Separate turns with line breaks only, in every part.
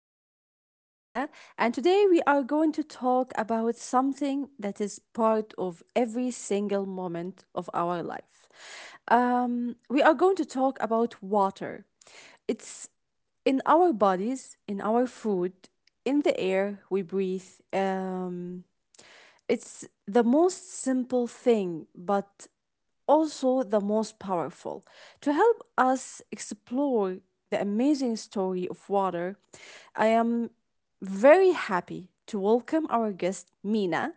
I'm your host, Haria, and today we are going to talk about something that is part of every single moment of our life. We are going to talk about water. It's in our bodies, in our food, in the air we breathe. Um, it's the most simple thing, but also the most powerful. To help us explore the amazing story of water, I am very happy to welcome our guest, Mina.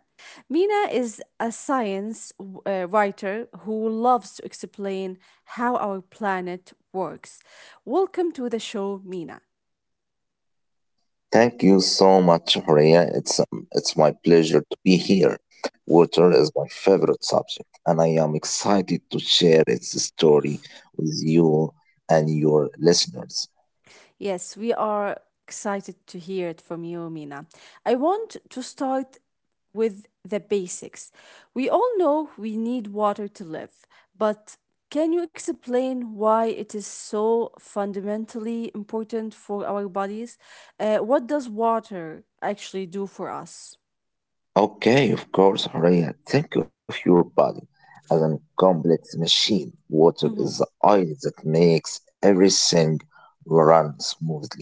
Mina is a science writer who loves to explain how our planet works. Welcome to the show, Mina.
Thank you so much, Horea. It's my pleasure to be here. Water is my favorite subject, and I am excited to share its story with you and your listeners.
Yes, we are excited to hear it from you, Mina. I want to start with the basics. We all know we need water to live, but can you explain why it is so fundamentally important for our bodies? What does water actually do for us?
Okay, of course, Horea. Think of your body as a complex machine. Water is the
Mm-hmm,
oil that makes everything run smoothly.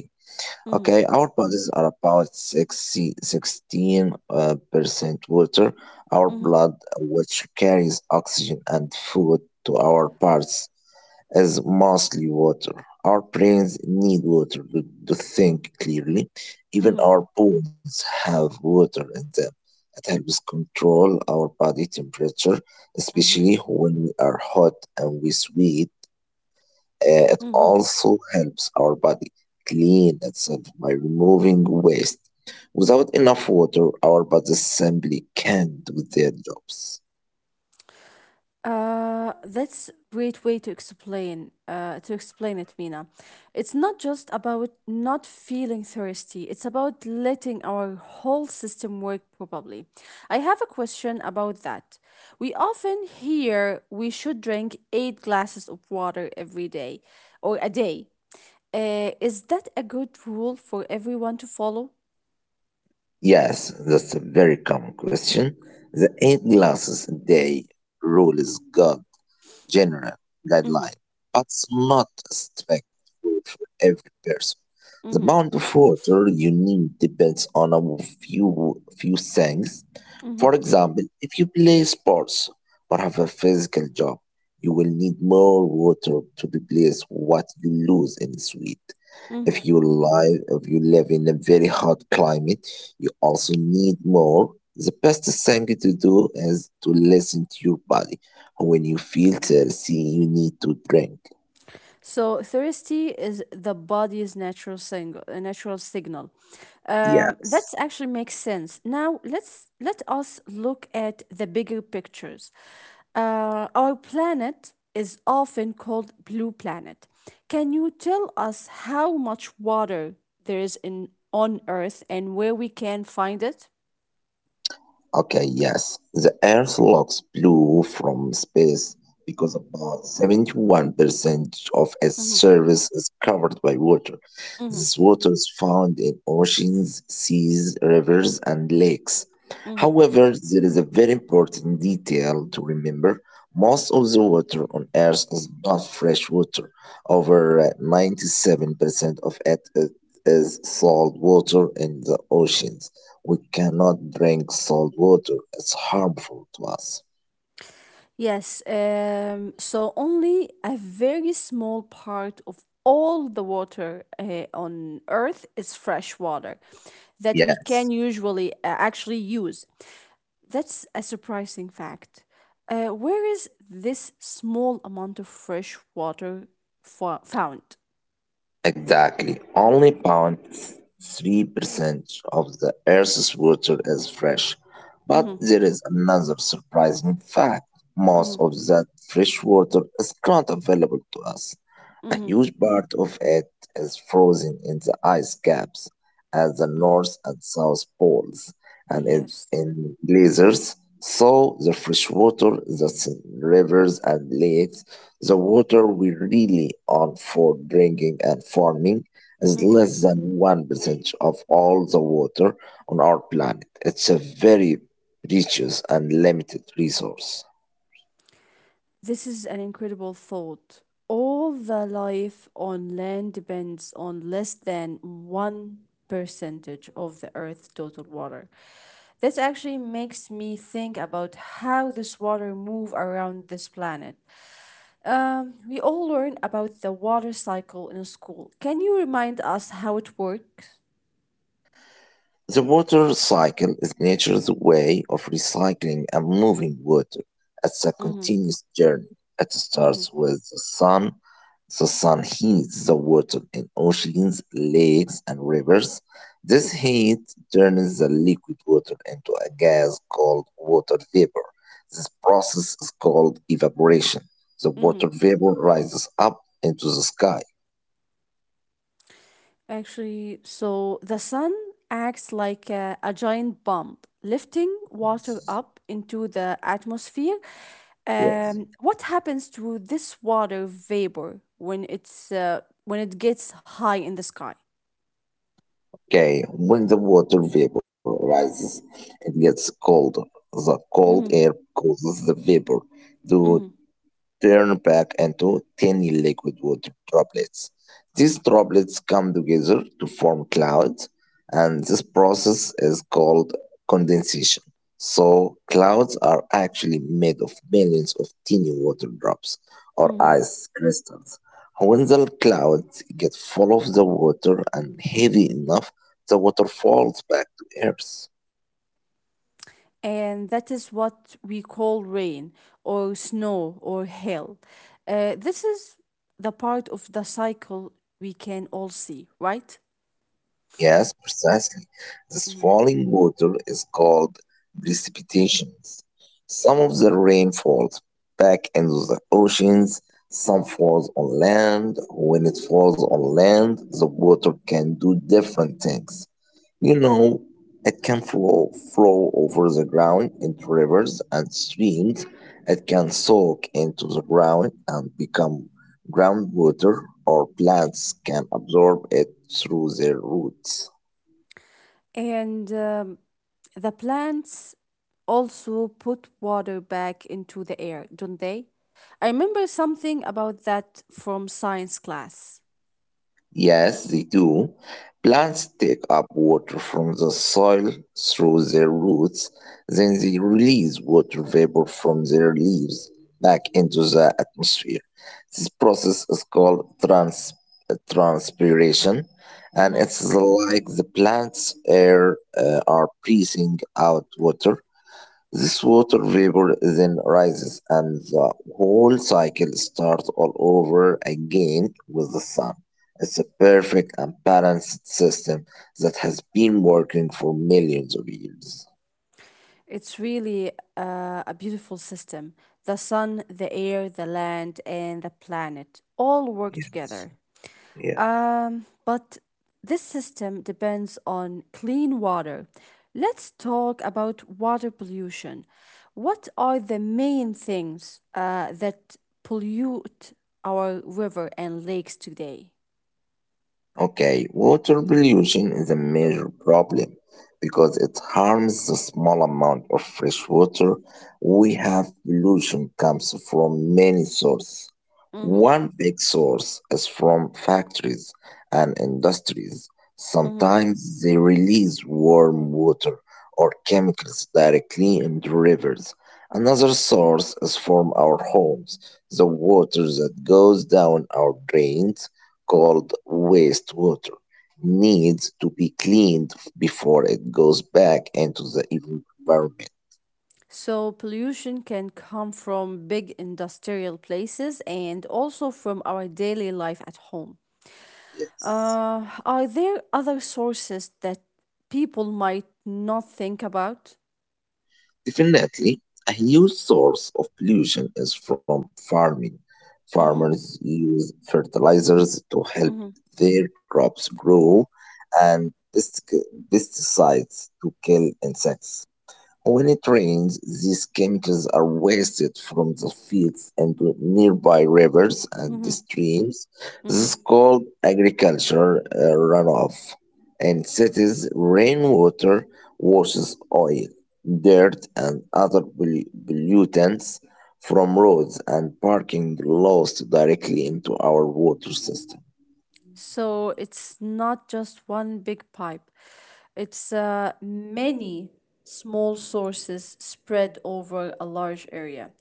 mm-hmm,
Okay, our bodies are about sixty-sixteen percent water. Our
mm-hmm,
blood, which carries oxygen and food to our parts, is mostly water. Our brains need water to think clearly. Even
mm-hmm,
our bones have water in them. It helps control our body temperature,
mm-hmm,
especially when we are hot and we sweat. It
mm-hmm.
also helps our body clean itself by removing waste. Without enough water, our bodies simply can't do their jobs.
That's great way to explain to explain it, Mina. It's not just about not feeling thirsty. It's about letting our whole system work properly. I have a question about that. We often hear we should drink eight glasses of water every day or a day. Is that a good rule for everyone to follow?
Yes, that's a very common question. The 8 glasses a day rule is good general
Mm-hmm,
guideline, but not a strict rule for every person. The
mm-hmm,
amount of water you need depends on a few things.
mm-hmm,
For example, if you play sports or have a physical job, you will need more water to replace what you lose in sweat.
mm-hmm.
If you live in a very hot climate, you also need more. The best thing to do is to listen to your body. When you feel thirsty, you need to drink.
So thirsty is the body's natural natural signal. That
Yes.
actually makes sense. Now let us look at the bigger pictures. Our planet is often called blue planet. Can you tell us how much water there is in on Earth and where we can find it?
Okay, yes, the Earth looks blue from space because about 71% of its
Mm-hmm,
surface is covered by water.
mm-hmm.
This water is found in oceans, seas, rivers, and lakes. However, there is a very important detail to remember. Most of the water on Earth is not fresh water. Over 97% of it is salt water in the oceans. We cannot drink salt water, it's harmful to us.
Yes, so only a very small part of all the water on Earth is fresh water that we
Yes,
can usually actually use. That's a surprising fact. Where is this small amount of fresh water found?
exactly. Only about 3% of the Earth's water is fresh. But
Mm-hmm,
there is another surprising fact, most
mm-hmm,
of that fresh water is not available to us. A
mm-hmm,
huge part of it is frozen in the ice caps at the
mm-hmm.
North and South Poles and in,
Yes.
in glaciers. So the fresh water that's in rivers and lakes, the water we really on for drinking and farming, is less than 1% of all the water on our planet. It's a very precious and limited resource.
This is an incredible thought. All the life on land depends on less than one percentage of the Earth's total water. This actually makes me think about how this water move around this planet. We all learn about the water cycle in school. Can you remind us how it works?
The water cycle is nature's way of recycling and moving water. It's a
Mm-hmm.
continuous journey. It
Mm-hmm.
starts with the sun. The sun heats the water in oceans, lakes, and rivers. This heat turns the liquid water into a gas called water vapor. This process is called evaporation. The water vapor rises up into the sky.
Actually, so the sun acts like a giant pump, lifting water up into the atmosphere.
Yes.
What happens to this water vapor when it gets high in the sky?
Okay, when the water vapor rises, it gets colder. The cold
Hmm.
air causes the vapor
Hmm.
to turn back into tiny liquid water droplets. These droplets come together to form clouds, and this process is called condensation. So, clouds are actually made of millions of tiny water drops or
Hmm.
ice crystals. When the clouds get full of the water and heavy enough, the water falls back to Earth.
And that is what we call rain or snow or hail. This is the part of the cycle we can all see, right?
Yes, precisely. This
Mhm.
falling water is called precipitations. Some of the rain falls back into the oceans, some falls on land. When it falls on land, the water can do different things. You know, it can flow over the ground into rivers and streams. It can soak into the ground and become groundwater, or plants can absorb it through their roots.
And the plants also put water back into the air, don't they? I remember something about that from science class.
Yes, they do. Plants take up water from the soil through their roots, then they release water vapor from their leaves back into the atmosphere. This process is called transpiration, and
Mhm.
it's like the plant's air are breathing out water. This water vapor then rises, and the whole cycle starts all over again with the sun. It's a perfect and balanced system that has been working for millions of years.
It's really a beautiful system. The sun, the air, the land, and the planet all work
Yes.
together.
Yeah.
But this system depends on clean water. Let's talk about water pollution. What are the main things that pollute our river and lakes today?
Okay, water pollution is a major problem because it harms the small amount of fresh water we have. Pollution comes from many sources.
Mm-hmm,
One big source is from factories and industries.
mm-hmm.
Sometimes they release warm water or chemicals directly into rivers. Another source is from our homes, the water that goes down our drains called wastewater needs to be cleaned before it goes back into the environment.
So, pollution can come from big industrial places and also from our daily life at home.
Yes.
Are there other sources that people might not think about?
Definitely, a huge source of pollution is from farming.
Mm-hmm.
Farmers use fertilizers to help
Mm-hmm.
their crops grow and pesticides to kill insects. When it rains, these chemicals are wasted from the fields into nearby rivers and
Mm-hmm.
streams. This
Mm-hmm.
is called agriculture runoff. In cities, rainwater washes oil, dirt, and other pollutants from roads and parking lost directly into our water system.
So it's not just one big pipe, it's many small sources spread over a large area.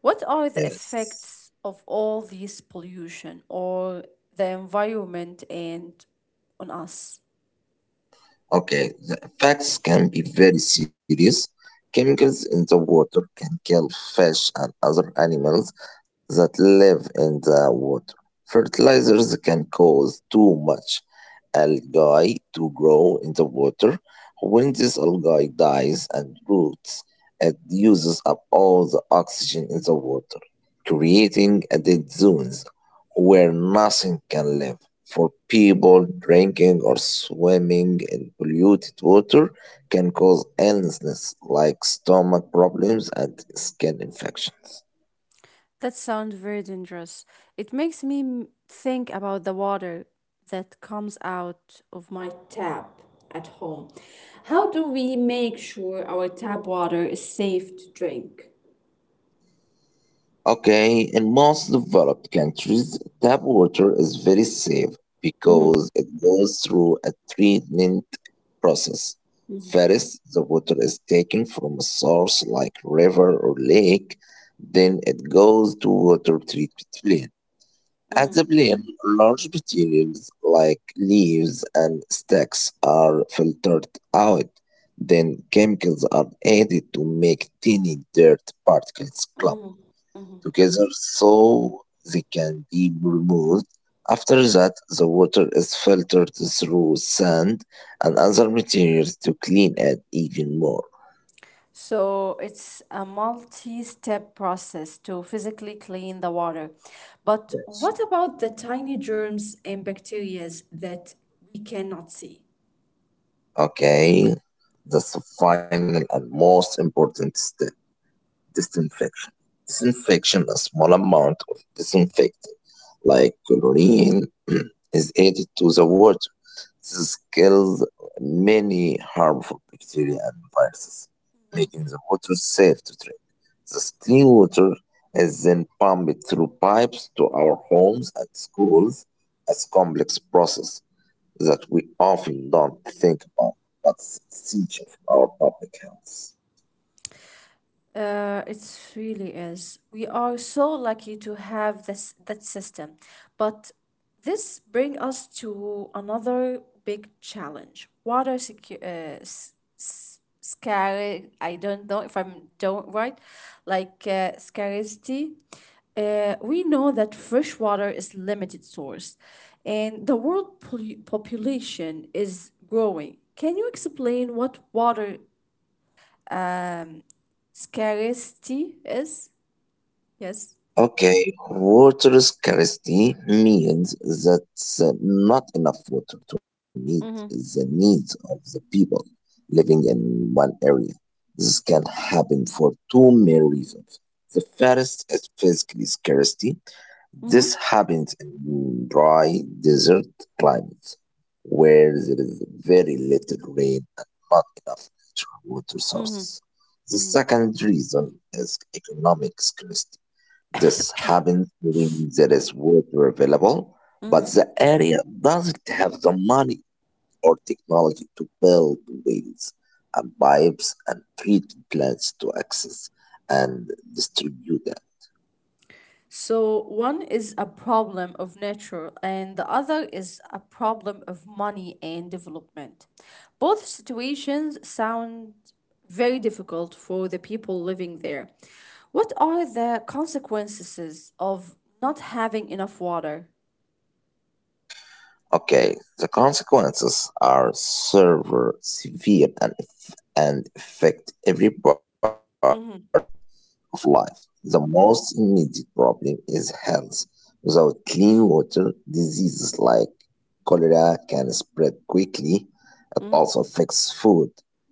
What are the
Yes.
effects of all this pollution or the environment and on us?
Okay, the effects can be very serious. Chemicals in the water can kill fish and other animals that live in the water. Fertilizers can cause too much algae to grow in the water. When this algae dies and roots, it uses up all the oxygen in the water, creating a dead zones where nothing can live. For people, drinking or swimming in polluted water can cause illnesses like stomach problems and skin infections.
That sounds very dangerous. It makes me think about the water that comes out of my tap at home. How do we make sure our tap water is safe to drink?
Okay, in most developed countries, tap water is very safe
Mhm,
because it goes through a treatment process.
mhm,
First, the water is taken from a source like river or lake, then it goes to water treatment plant.
mhm.
Actively, large materials like leaves and sticks are filtered out. Then chemicals are added to make tiny dirt particles clump together so they can be removed. After that, the water is filtered through sand and other materials to clean it even more.
So it's a multi step process to physically clean the water. But
Yes.
what about the tiny germs and bacteria that we cannot see?
Okay, that's the final and most important step. Disinfection. Disinfection, a small amount of disinfectant, like chlorine, is added to the water. This kills many harmful bacteria and viruses, making the water safe to drink. This clean water is then pumped through pipes to our homes and schools as complex process that we often don't think about, but it's essential for our public health.
It really is. We are so lucky to have this that system. But this brings us to another big challenge. Water scarcity. I don't know if I'm don't right. Like scarcity. We know that fresh water is limited source, and the world population is growing. Can you explain what water scarcity is? Yes.
Okay, water scarcity means that not enough water to meet the needs of the people living in one area. This can happen for 2 main reasons. The first is physical scarcity.
Mm-hmm.
This happens in dry desert climates where there is very little rain and not enough natural water
Mm-hmm.
sources. The
Mm-hmm.
second reason is economic scarcity, this happens when there is water available, but
Hmm.
the area doesn't have the money or technology to build wells and pipes and treatment plants to access and distribute it.
So one is a problem of nature, and the other is a problem of money and development. Both situations sound very difficult for the people living there. What are the consequences of not having enough water?
Okay, the consequences are severe and, and affect every part
Mm-hmm.
of life. The most immediate problem is health. Without clean water, diseases like cholera can spread quickly. It also affects food.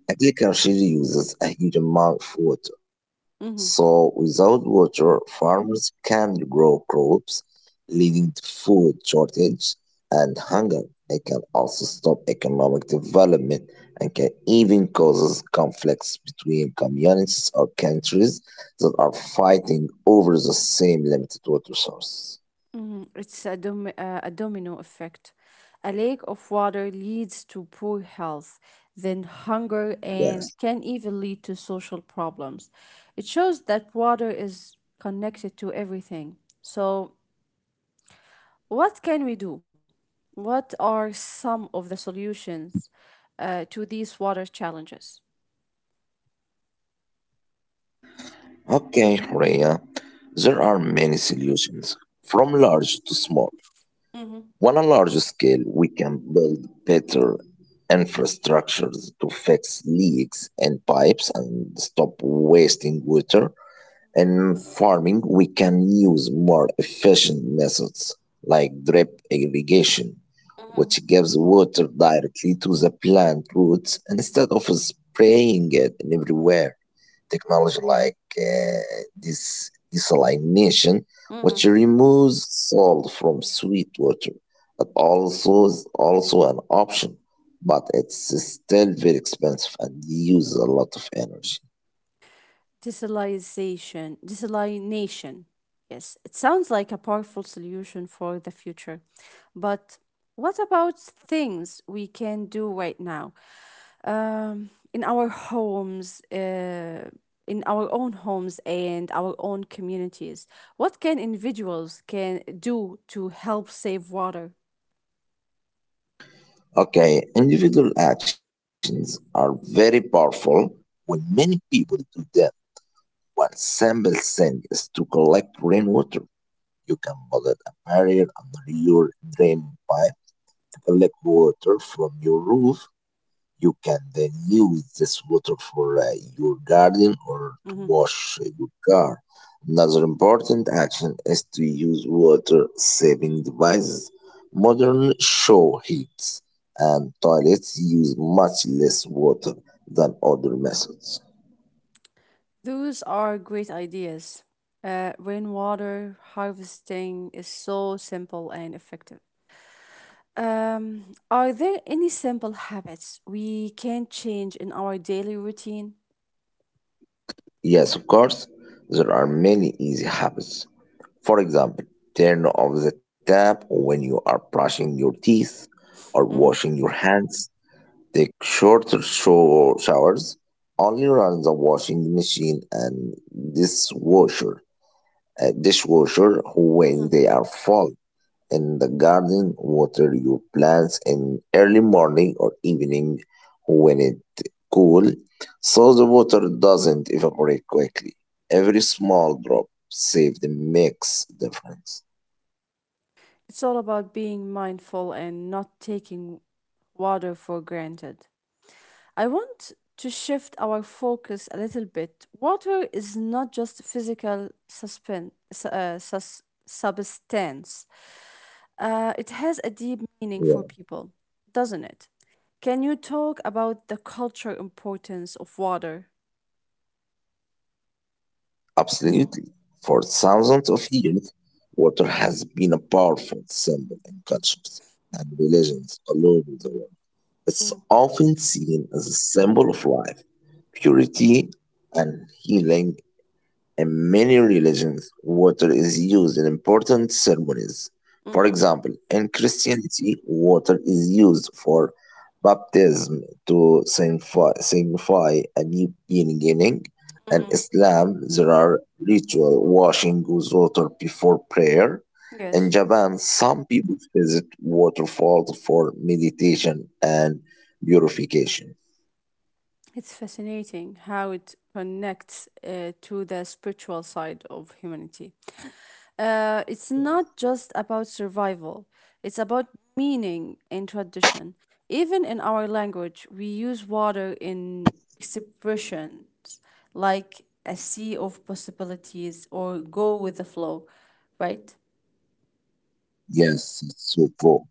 Agriculture uses a huge amount of water.
Mm-hmm.
So, without water, farmers can't grow crops, leading to food shortage and hunger. It can also stop economic development and can even cause conflicts between communities or countries that are fighting over the same limited water source.
Mhm. It's a domino effect. A lack of water leads to poor health, then hunger, and can
Yes.
even lead to social problems. It shows that water is connected to everything. So, what can we do? What are some of the solutions to these water challenges?
Okay, Rhea.
Hmm.
There are many solutions, from large to small. On a
Hmm.
large scale, we can build better infrastructures to fix leaks in pipes and stop wasting water. In farming, we can use more efficient methods like drip irrigation, which gives water directly to the plant roots instead of spraying it everywhere. Technology like this desalination, which
Hmm.
removes salt from sweet water, but also is also an option, but it's still very expensive and uses a lot of energy.
Desalinization, desalination. Yes, it sounds like a powerful solution for the future. But what about things we can do right now? In our own homes and our own communities, what can individuals can do to help save water?
Okay, individual actions are very powerful when many people do them. One simple thing is to collect rainwater. You can build a barrier under your drain pipe to collect water from your roof. You can then use this water for your garden or to
Mhm.
wash your car. Another important action is to use water saving devices. Modern shower heads and toilets use much less water than other methods.
Those are great ideas. Rainwater harvesting is so simple and effective. Um, are there any simple habits we can change in our daily routine?
Yes, of course, there are many easy habits. For example, turn off the tap when you are brushing your teeth or
Mhm.
washing your hands. Take short showers, only run the washing machine and dishwasher. A dishwasher when
Mhm.
they are full. In the garden, water your plants in early morning or evening when it cool, so the water doesn't evaporate quickly. Every small drop save the makes difference.
It's all about being mindful and not taking water for granted. I want to shift our focus a little bit. Water is not just physical substance, it has a deep meaning for people, doesn't it? Can you talk about the cultural importance of water?
Absolutely. For thousands of years, water has been a powerful symbol in cultures and religions all over the world. It's often seen as a symbol of life, purity, and healing. In many religions, water is used in important ceremonies. For
Hmm.
example, in Christianity, water is used for baptism to signify a new beginning. In Islam, there are ritual washing with water before prayer. In
Yes.
Japan, some people visit waterfalls for meditation and purification.
It's fascinating how it connects to the spiritual side of humanity. It's not just about survival, it's about meaning and tradition. Even in our language, we use water in expressions like a sea of possibilities or go with the flow, right?
Yes, it's so cool.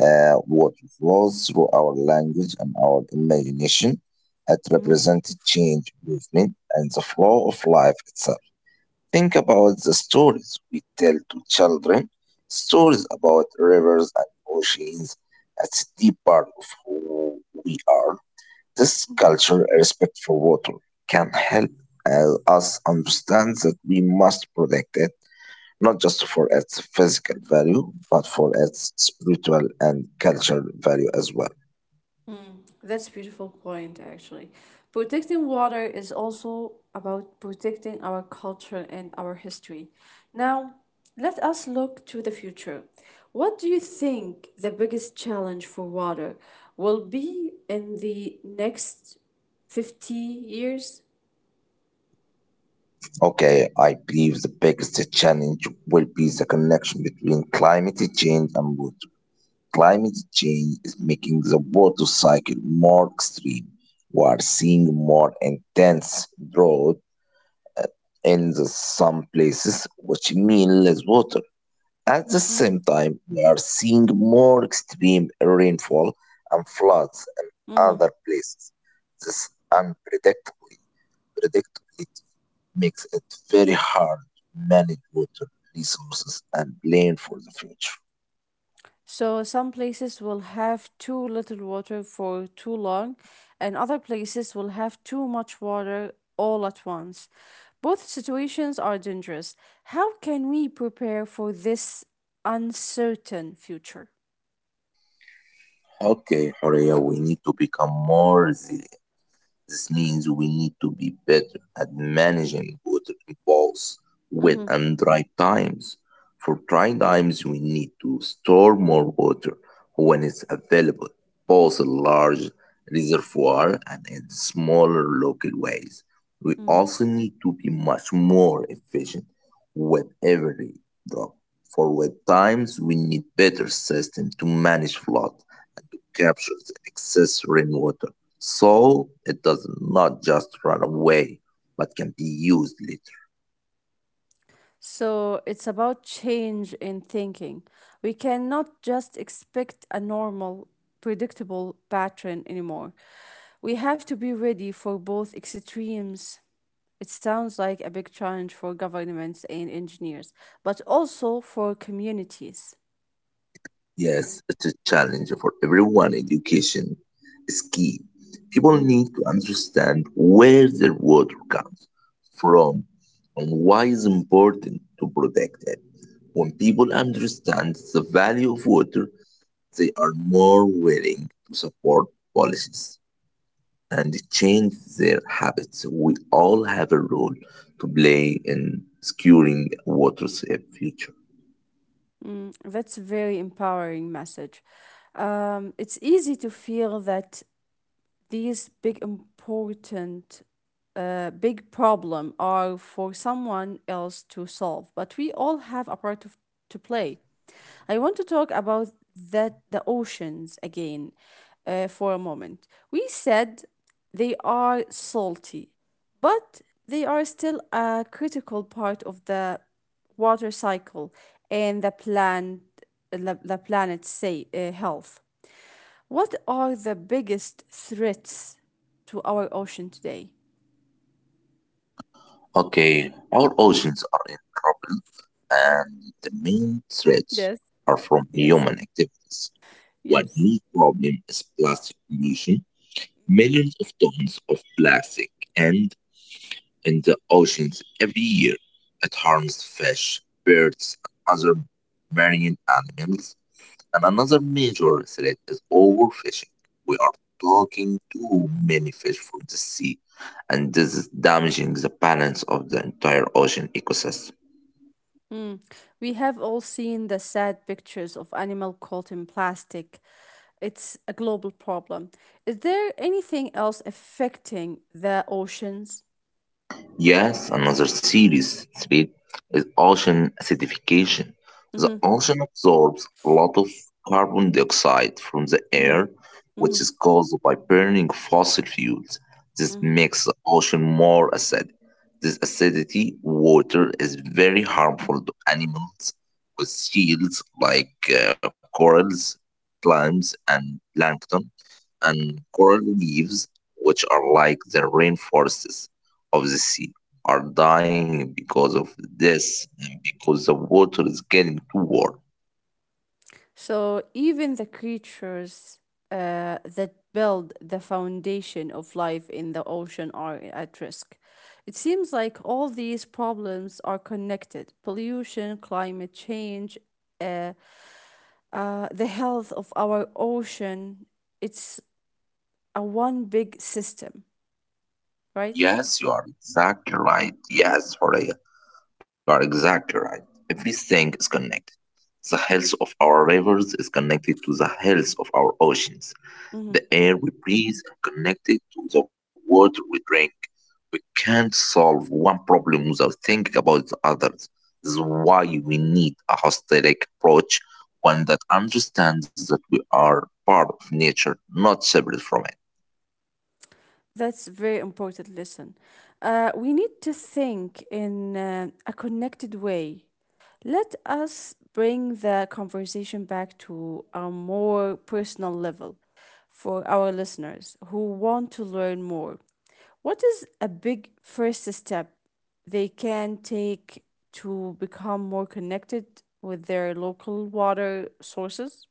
Water flows through our language and our imagination. It represents change, movement, and the flow of life itself. Think about the stories we tell to children, stories about rivers and oceans. That's a deep part of who we are. This culture, respect for water, can help us understand that we must protect it not just for its physical value, but for its spiritual and cultural value as well.
That's a beautiful point actually. Protecting water is also about protecting our culture and our history. Now, let us look to the future. What do you think the biggest challenge for water will be in the next 50 years?
Okay, I believe the biggest challenge will be the connection between climate change and water. Climate change is making the water cycle more extreme. We are seeing more intense drought uh, in the some places, which mean less water. At the
Mm-hmm.
same time, we are seeing more extreme rainfall and floods in other places. This unpredictably predictability makes it very hard to manage water resources and plan for the future.
So some places will have too little water for too long, and other places will have too much water all at once. Both situations are dangerous. How can we prepare for this uncertain future?
Okay, Horea, we need to become more resilient. This means we need to be better at managing water impulse, wet
Hmm.
and dry times. For dry times, we need to store more water when it's available, both in large reservoir and in smaller local ways. We
Hmm.
also need to be much more efficient with every drop. For wet times, we need better system to manage flood and to capture the excess rainwater, so it does not just run away, but can be used later.
So it's about change in thinking. We cannot just expect a normal, predictable pattern anymore. We have to be ready for both extremes. It sounds like a big challenge for governments and engineers, but also for communities.
Yes, it's a challenge for everyone. Education is key. People
Mhm.
need to understand where their water comes from and why it's important to protect it. When people understand the value of water, they are more willing to support policies and change their habits. We all have a role to play in securing a water safe future.
Mm, that's a very empowering message. It's easy to feel that these big important big problem are for someone else to solve, but we all have to play. I want to talk about that the oceans again for a moment. We said they are salty, but they are still a critical part of the water cycle and the plant the planet's say health. What are the biggest threats to our ocean today?
Okay, our oceans are in trouble, and the main threats
Yes,
are from human
yes,
activities. One
yes.
new problem is plastic pollution. Millions of tons of plastic end in the oceans every year. It harms fish, birds, and other marine animals. And another major threat is overfishing. We are talking too many fish from the sea, and this is damaging the balance of the entire ocean ecosystem.
Mm. We have all seen the sad pictures of animal caught in plastic. It's a global problem. Is there anything else affecting the oceans?
Yes, another series threat is ocean acidification. The
Mm-hmm,
ocean absorbs a lot of carbon dioxide from the
mm-hmm,
air, which
mm-hmm,
is caused by burning fossil fuels. This
mm-hmm.
makes the ocean more acidic. This acidity water is very harmful to animals with seals like corals, clams, and plankton and coral reefs, which are like the rainforests of the sea, are dying because of this and because the water is getting too warm.
So even the creatures that build the foundation of life in the ocean are at risk. It seems like all these problems are connected pollution, climate change, uh. The health of our ocean, it's a one big system, right?
Yes, you are exactly right. Yes, Horea, you are exactly right. Everything is connected. The health of our rivers is connected to the health of our oceans.
Mm-hmm.
The air we breathe, connected to the water we drink. We can't solve one problem without thinking about the others. This is why we need a holistic approach, one that understands that we are part of nature, not separate from it.
That's a very important lesson. We need to think in a connected way. Let us bring the conversation back to a more personal level for our listeners who want to learn more. What is a big first step they can take to become more connected with their local water sources?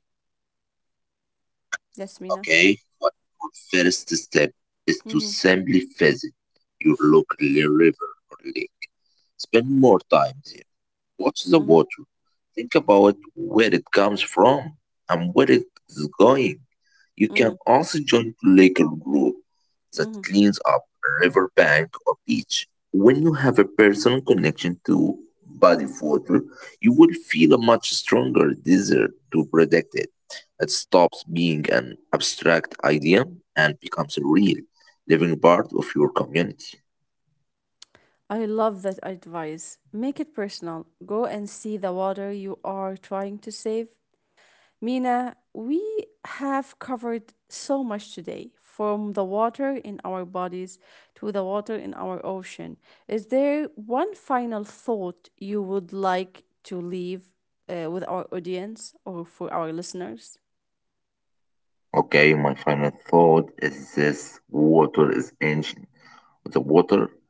Yes, Mina.
Okay? But our first step is to
Mm-hmm,
simply visit your local river or lake. Spend more time there. Watch the
mm-hmm,
water. Think about where it comes from and where it is going. You
mm-hmm,
can also join a local group that
mm-hmm.
cleans up a river bank or beach. When you have a personal connection to body of water, you will feel a much stronger desire to protect it. It stops being an abstract idea and becomes a real, living part of your community.
I love that advice. Make it personal. Go and see the water you are trying to save. Mina, we have covered so much today from the water in our bodies to the water in our ocean. Is there one final thought you would like to leave with our audience or for our listeners?
Okay, my final thought is this water is ancient. The water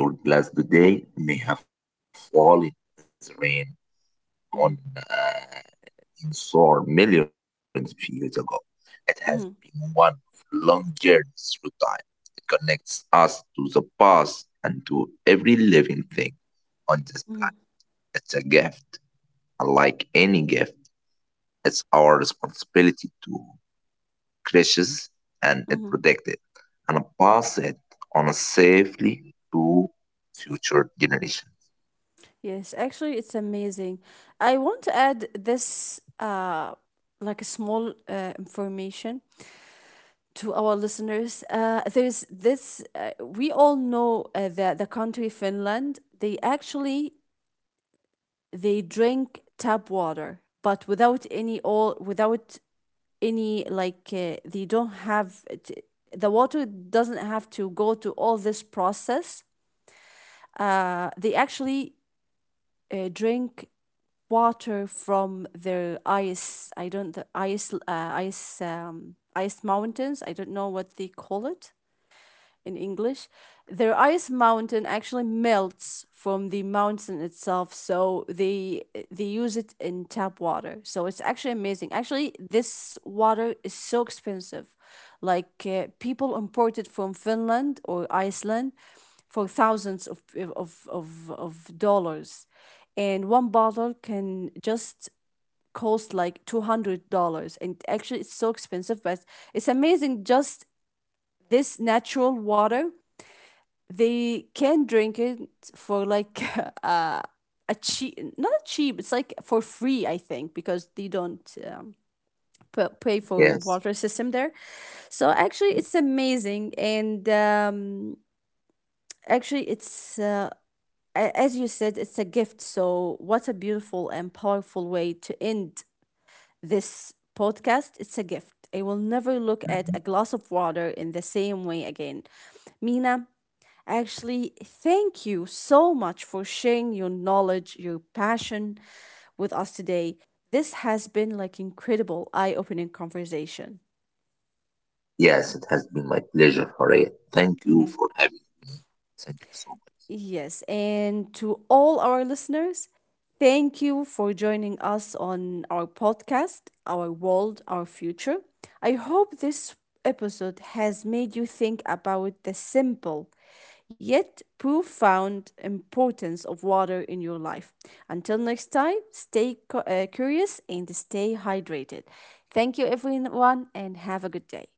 in your glass today may have fallen as rain on
Hmm.
in soar millions of years ago. It has
Hmm.
been one of long journeys through time. It connects us to the past and to every living thing on this
Hmm.
planet. It's a gift. Unlike any gift, it's our responsibility to cherish and it
Hmm.
protect it and pass it on safely to future generations.
Yes, actually, it's amazing. I want to add this, like a small information to our listeners. There's this. We all know that the country Finland. They actually they drink tap water, but without any like the water doesn't have to go to all this process. They actually drink water from the ice. I don't the ice ice ice mountains. I don't know what they call it in English, their ice mountain actually melts from the mountain itself. So they use it in tap water. So it's actually amazing. Actually, this water is so expensive. Like people import it from Finland or Iceland for thousands of dollars, and one bottle can just cost like $200. And actually, it's so expensive, but it's amazing. Just this natural water they can drink it for like uh, a cheap, not a cheap, it's like for free, I think, because they don't pay for water
Yes.
system there. So actually, it's amazing, and actually, as you said, it's a gift. So, what a beautiful and powerful way to end this podcast. It's a gift. I will never look at a
Mm-hmm.
glass of water in the same way again. Mina, actually, thank you so much for sharing your knowledge, your passion with us today. This has been like incredible eye-opening conversation.
Yes, it has been my pleasure, Horea. Thank you
Mhm.
for having me. Thank you so much.
Yes, and to all our listeners, thank you for joining us on our podcast, Our World, Our Future. I hope this episode has made you think about the simple yet profound importance of water in your life. Until next time, stay curious and stay hydrated. Thank you, everyone, and have a good day.